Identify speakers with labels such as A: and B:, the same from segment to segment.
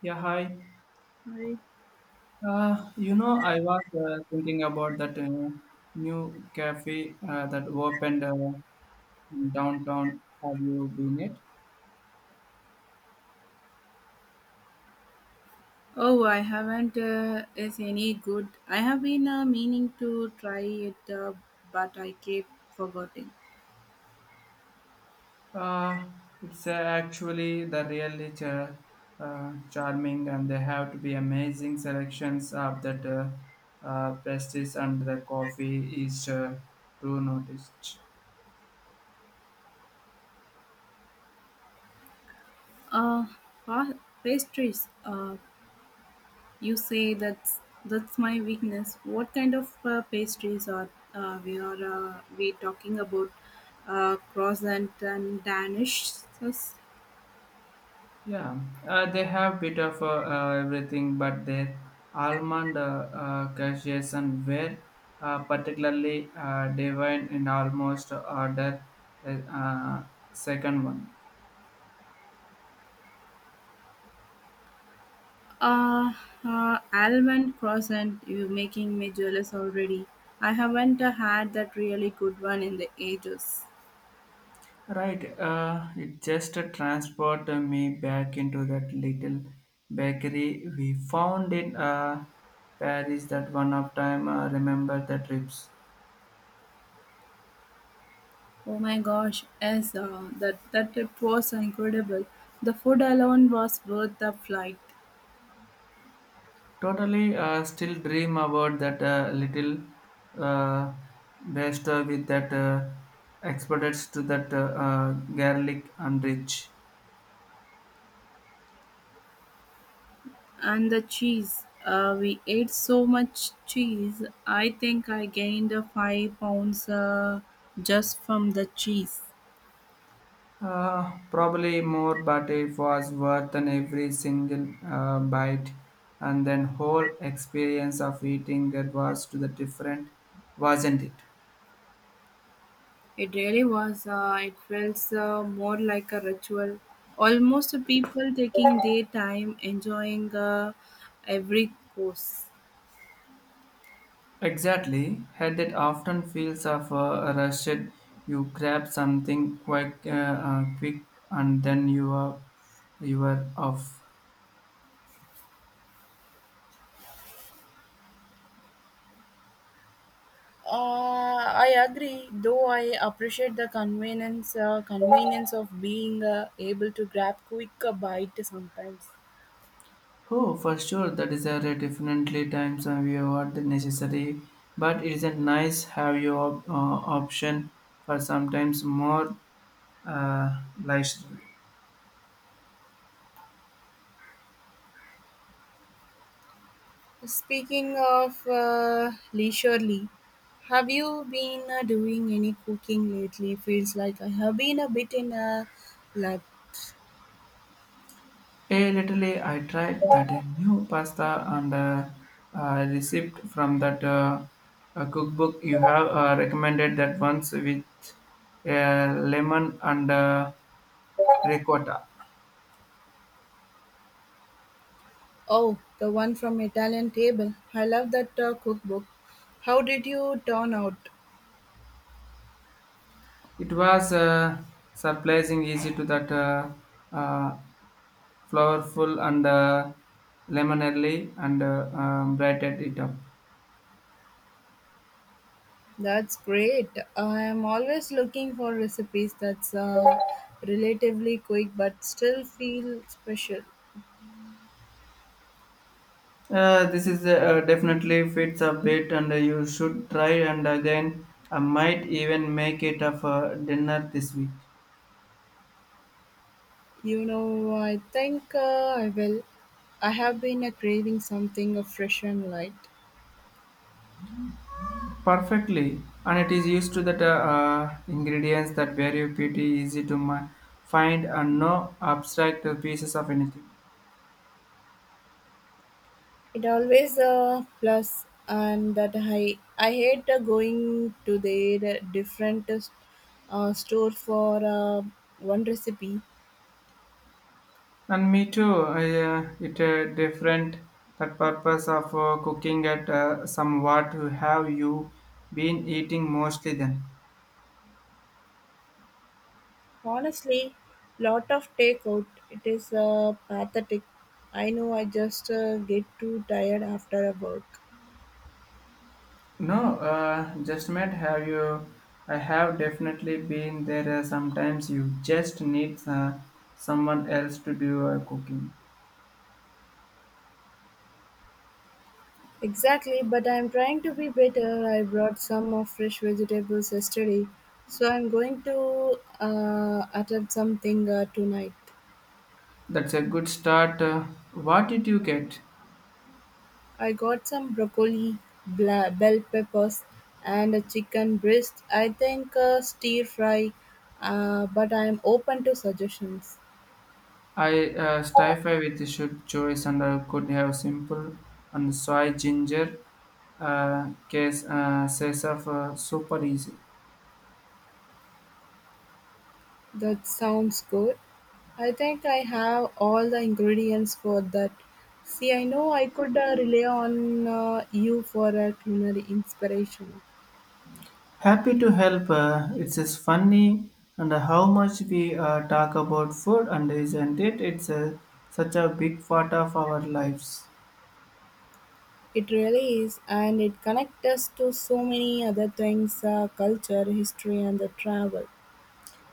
A: Yeah, hi.
B: Right.
A: I was thinking about that new cafe that opened in downtown. Have you been it?
B: Oh, I haven't. Is any good? I have been meaning to try it, but I keep forgetting.
A: Uh, it's actually the really charming, and they have to be amazing selections of that pastries and the coffee is to notice.
B: Uh, pa- pastries. You say that's my weakness. What kind of pastries are we talking about? Croissant and Danish.
A: Yeah, they have bit of everything, but their almond cashews and were particularly divine in almost order uh, uh, second one.
B: Uh, Almond croissant. You're making me jealous already. I haven't had that really good one in the ages.
A: Right, it just transport me back into that little bakery we found in Paris that one of time. Remember the trips.
B: Oh my gosh, yes, that trip was so incredible. The food alone was worth the flight.
A: Totally, still dream about that little uh, baster with that experts to that garlic and rich.
B: And the cheese. We ate so much cheese. I think I gained 5 pounds just from the cheese.
A: Probably more, but it was worth than every single bite, and then whole experience of eating that was to the different, wasn't it?
B: It really was. It felt more like a ritual. Almost people taking their time enjoying every course.
A: Exactly. Head that often feels of a rushed. You grab something quick, quick, and then you are off.
B: I agree, though I appreciate the convenience of being able to grab quick bite sometimes.
A: Oh, for sure, that is a definitely times when we are the necessary. But it isn't nice have your option for sometimes more lifestyle.
B: Speaking of leisurely, have you been doing any cooking lately? Feels like I have been a bit in a like.
A: A little, I tried that new pasta and recipe from that cookbook you have recommended that once with lemon and ricotta.
B: Oh, the one from Italian table. I love that cookbook. How did you turn out?
A: It was surprising easy to that uh, flowerful and lemonade and brightened it up.
B: That's great. I'm always looking for recipes that's relatively quick but still feel special.
A: This is definitely fits a bit, and you should try. And again, I might even make it a dinner this week.
B: You know, I think I will. I have been craving something fresh and light.
A: Perfectly, and it is used to that ingredients that vary pretty easy to find and no abstract pieces of anything.
B: It always plus and that I hate going to their different store for one recipe.
A: And me too. I, it different that purpose of cooking at somewhat. Have you been eating mostly then?
B: Honestly, lot of takeout. It is pathetic. I know I just get too tired after a work.
A: No, just met. Have you? I have definitely been there. Sometimes you just need someone else to do cooking.
B: Exactly, but I'm trying to be better. I brought some of fresh vegetables yesterday, so I'm going to attempt something tonight.
A: That's a good start. What did you get?
B: I got some broccoli, bell peppers, and a chicken breast. I think stir fry, but I'm open to suggestions.
A: I stifle with the shoot choice and I could have simple and soy ginger case says of super easy.
B: That sounds good. I think I have all the ingredients for that. See, I know I could rely on you for a culinary inspiration.
A: Happy to help. It's just funny and how much we talk about food, and isn't it? It's a, such a big part of our lives.
B: It really is, and it connects us to so many other things: culture, history, and the travel.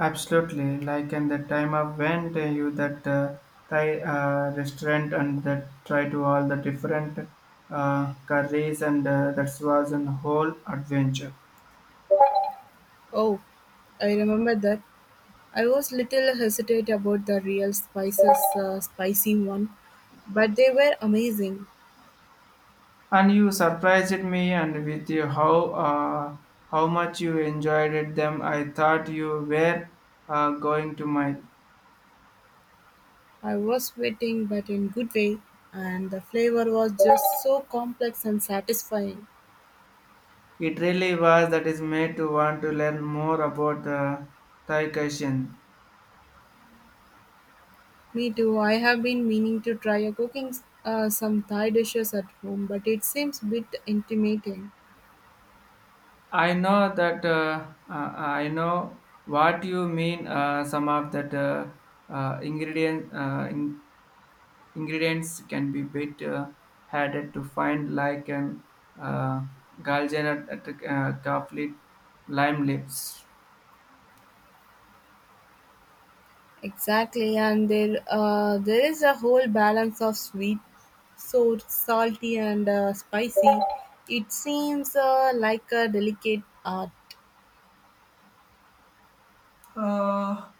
A: Absolutely. Like in the time I went, you that Thai restaurant and that try to all the different curries, and that was a whole adventure.
B: Oh, I remember that. I was little hesitant about the real spices, spicy one, but they were amazing.
A: And you surprised me and with you how much you enjoyed it them. I thought you were going to my
B: I was sweating, but in good way, and the flavor was just so complex and satisfying.
A: It really was that is made to want to learn more about Thai cuisine.
B: Me too. I have been meaning to try a cooking, some Thai dishes at home, but it seems a bit intimidating.
A: I know that uh, I know what you mean. Some of that uh, ingredient uh, in, ingredients can be bit harder to find, like an uh, galgena coffee, lime lips.
B: Exactly, and there is a whole balance of sweet, so salty and spicy. It seems like a delicate art.
A: Uh,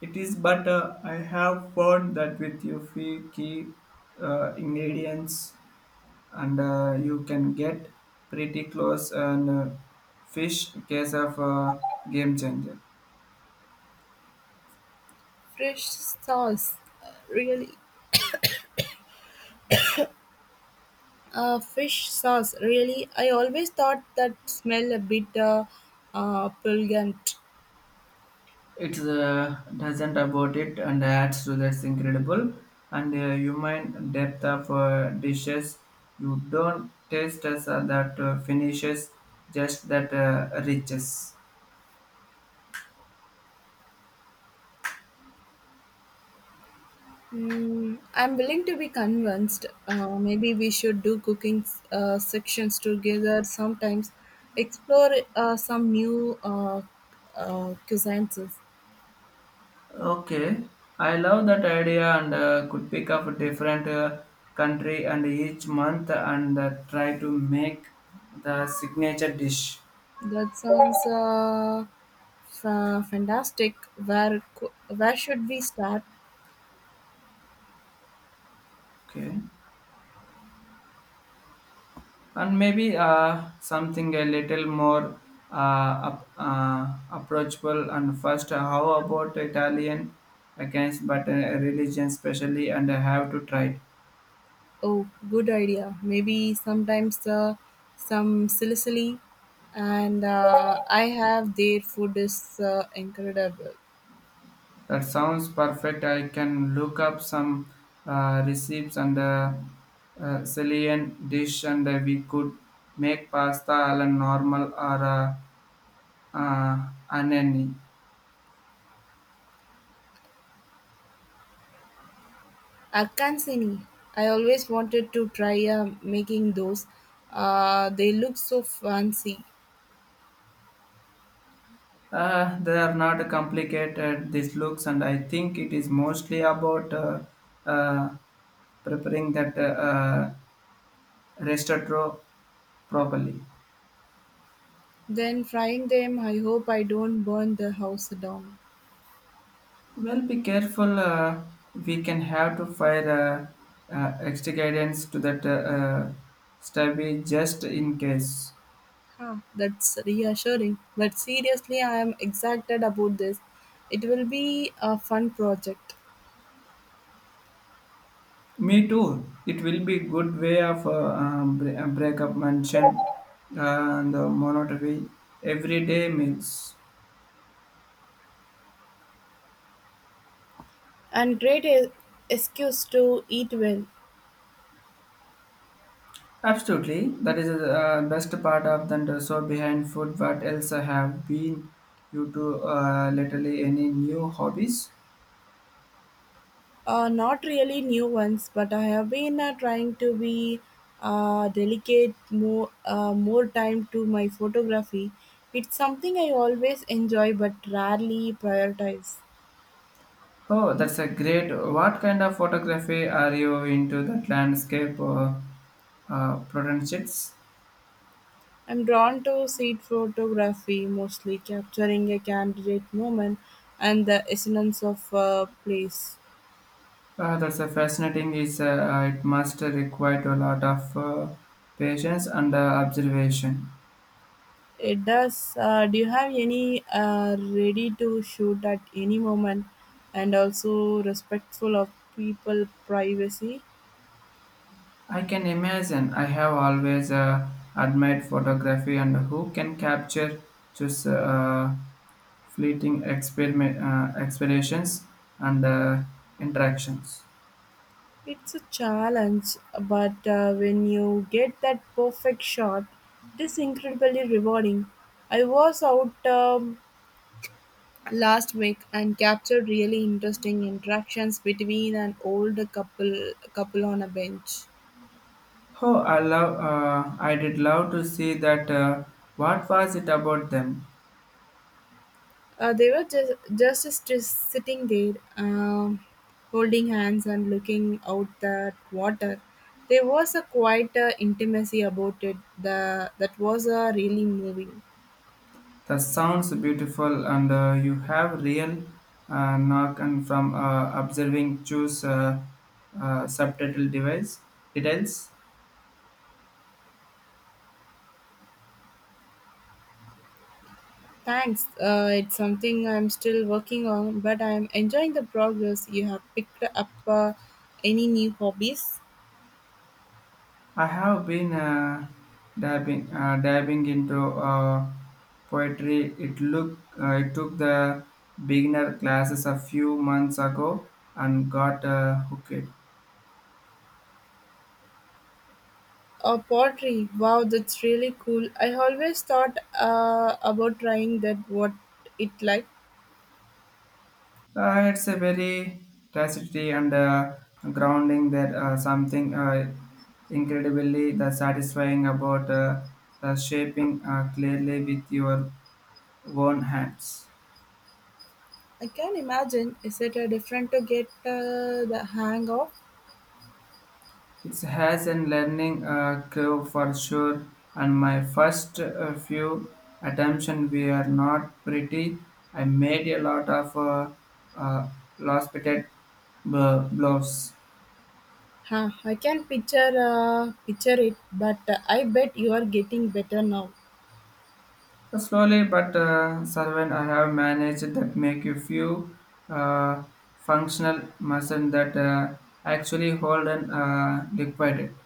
A: it is, but I have found that with you few key ingredients and you can get pretty close and fish case of game changer
B: Fresh sauce, really Fish sauce, really? I always thought that smell a bit pungent.
A: it's doesn't about it and adds to that's incredible and human depth of dishes you don't taste as that finishes just that riches
B: Mm, I'm willing to be convinced. Maybe we should do cooking sections together sometimes. Explore some new cuisines.
A: okay I love that idea and could pick up a different country and each month and try to make the signature dish.
B: That sounds fantastic. Where should we start?
A: Okay. And maybe something a little more approachable. And first, how about Italian against but religion, especially, and I have to try it.
B: Oh, good idea. Maybe sometimes some Sicily and I have their food is incredible.
A: That sounds perfect. I can look up some recipes and Sicilian dish, and we could make pasta a la normal or uh, anani.
B: Alcancini. I always wanted to try making those. They look so fancy.
A: They are not complicated, these looks, and I think it is mostly about uh, preparing that restaurant properly.
B: Then frying them, I hope I don't burn the house down.
A: Well, be careful. We can have to fire extra guidance to that stubby just in case.
B: Huh, that's reassuring. But seriously, I am excited about this. It will be a fun project
A: Me too. It will be good way of break up mansion uh, and the monotony everyday meals.
B: and great excuse to eat well.
A: Absolutely, that is the best part of the so behind food. What else have been you to literally any new hobbies?
B: Not really new ones, but I have been trying to be uh, delicate more time to my photography. It's something I always enjoy, but rarely prioritize.
A: Oh, that's a great. What kind of photography are you into? That landscape or portraits?
B: I'm drawn to street photography, mostly capturing a candidate moment and the essence of a place.
A: That's a fascinating. Is it must require a lot of patience and observation.
B: It does. Do you have any ready to shoot at any moment, and also respectful of people privacy?
A: I can imagine. I have always admired photography and who can capture just fleeting expeditions and interactions.
B: It's a challenge, but when you get that perfect shot, it is incredibly rewarding. I was out last week and captured really interesting interactions between an older couple on a bench.
A: Oh, I love. I did love to see that. What was it about them?
B: They were just sitting there, holding hands and looking out at water. There was a quite intimacy about it. That was really moving.
A: That sounds beautiful, and you have real knock and from observing choose subtitle device details.
B: Thanks. It's something I'm still working on, but I'm enjoying the progress. You have picked up any new hobbies?
A: I have been diving into poetry. It took the beginner classes a few months ago and got hooked.
B: Pottery. Wow, that's really cool. I always thought about trying that. What it like?
A: It's a very tragedy and grounding that something incredibly the satisfying about the shaping clearly with your own hands.
B: I can imagine. Is it different to get the hang of?
A: It has a learning curve for sure, and my first few attempts were not pretty. I made a lot of uh, lopsided blows.
B: Huh, I can picture it, but I bet you are getting better now.
A: Slowly but servant, I have managed that make a few uh, functional muscle that actually hold and liquidate.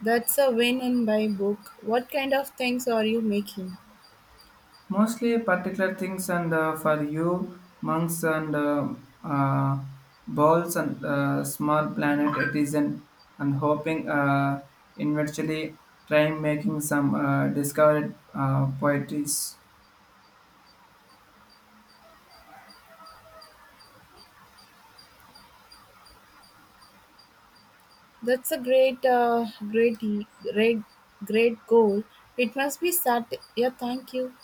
B: That's a win in my book. What kind of things are you making?
A: Mostly particular things and for you, monks and uh, balls and small planet it is an, and hoping eventually trying making some discovered poetries.
B: That's a great, great goal. It must be set. Yeah, thank you.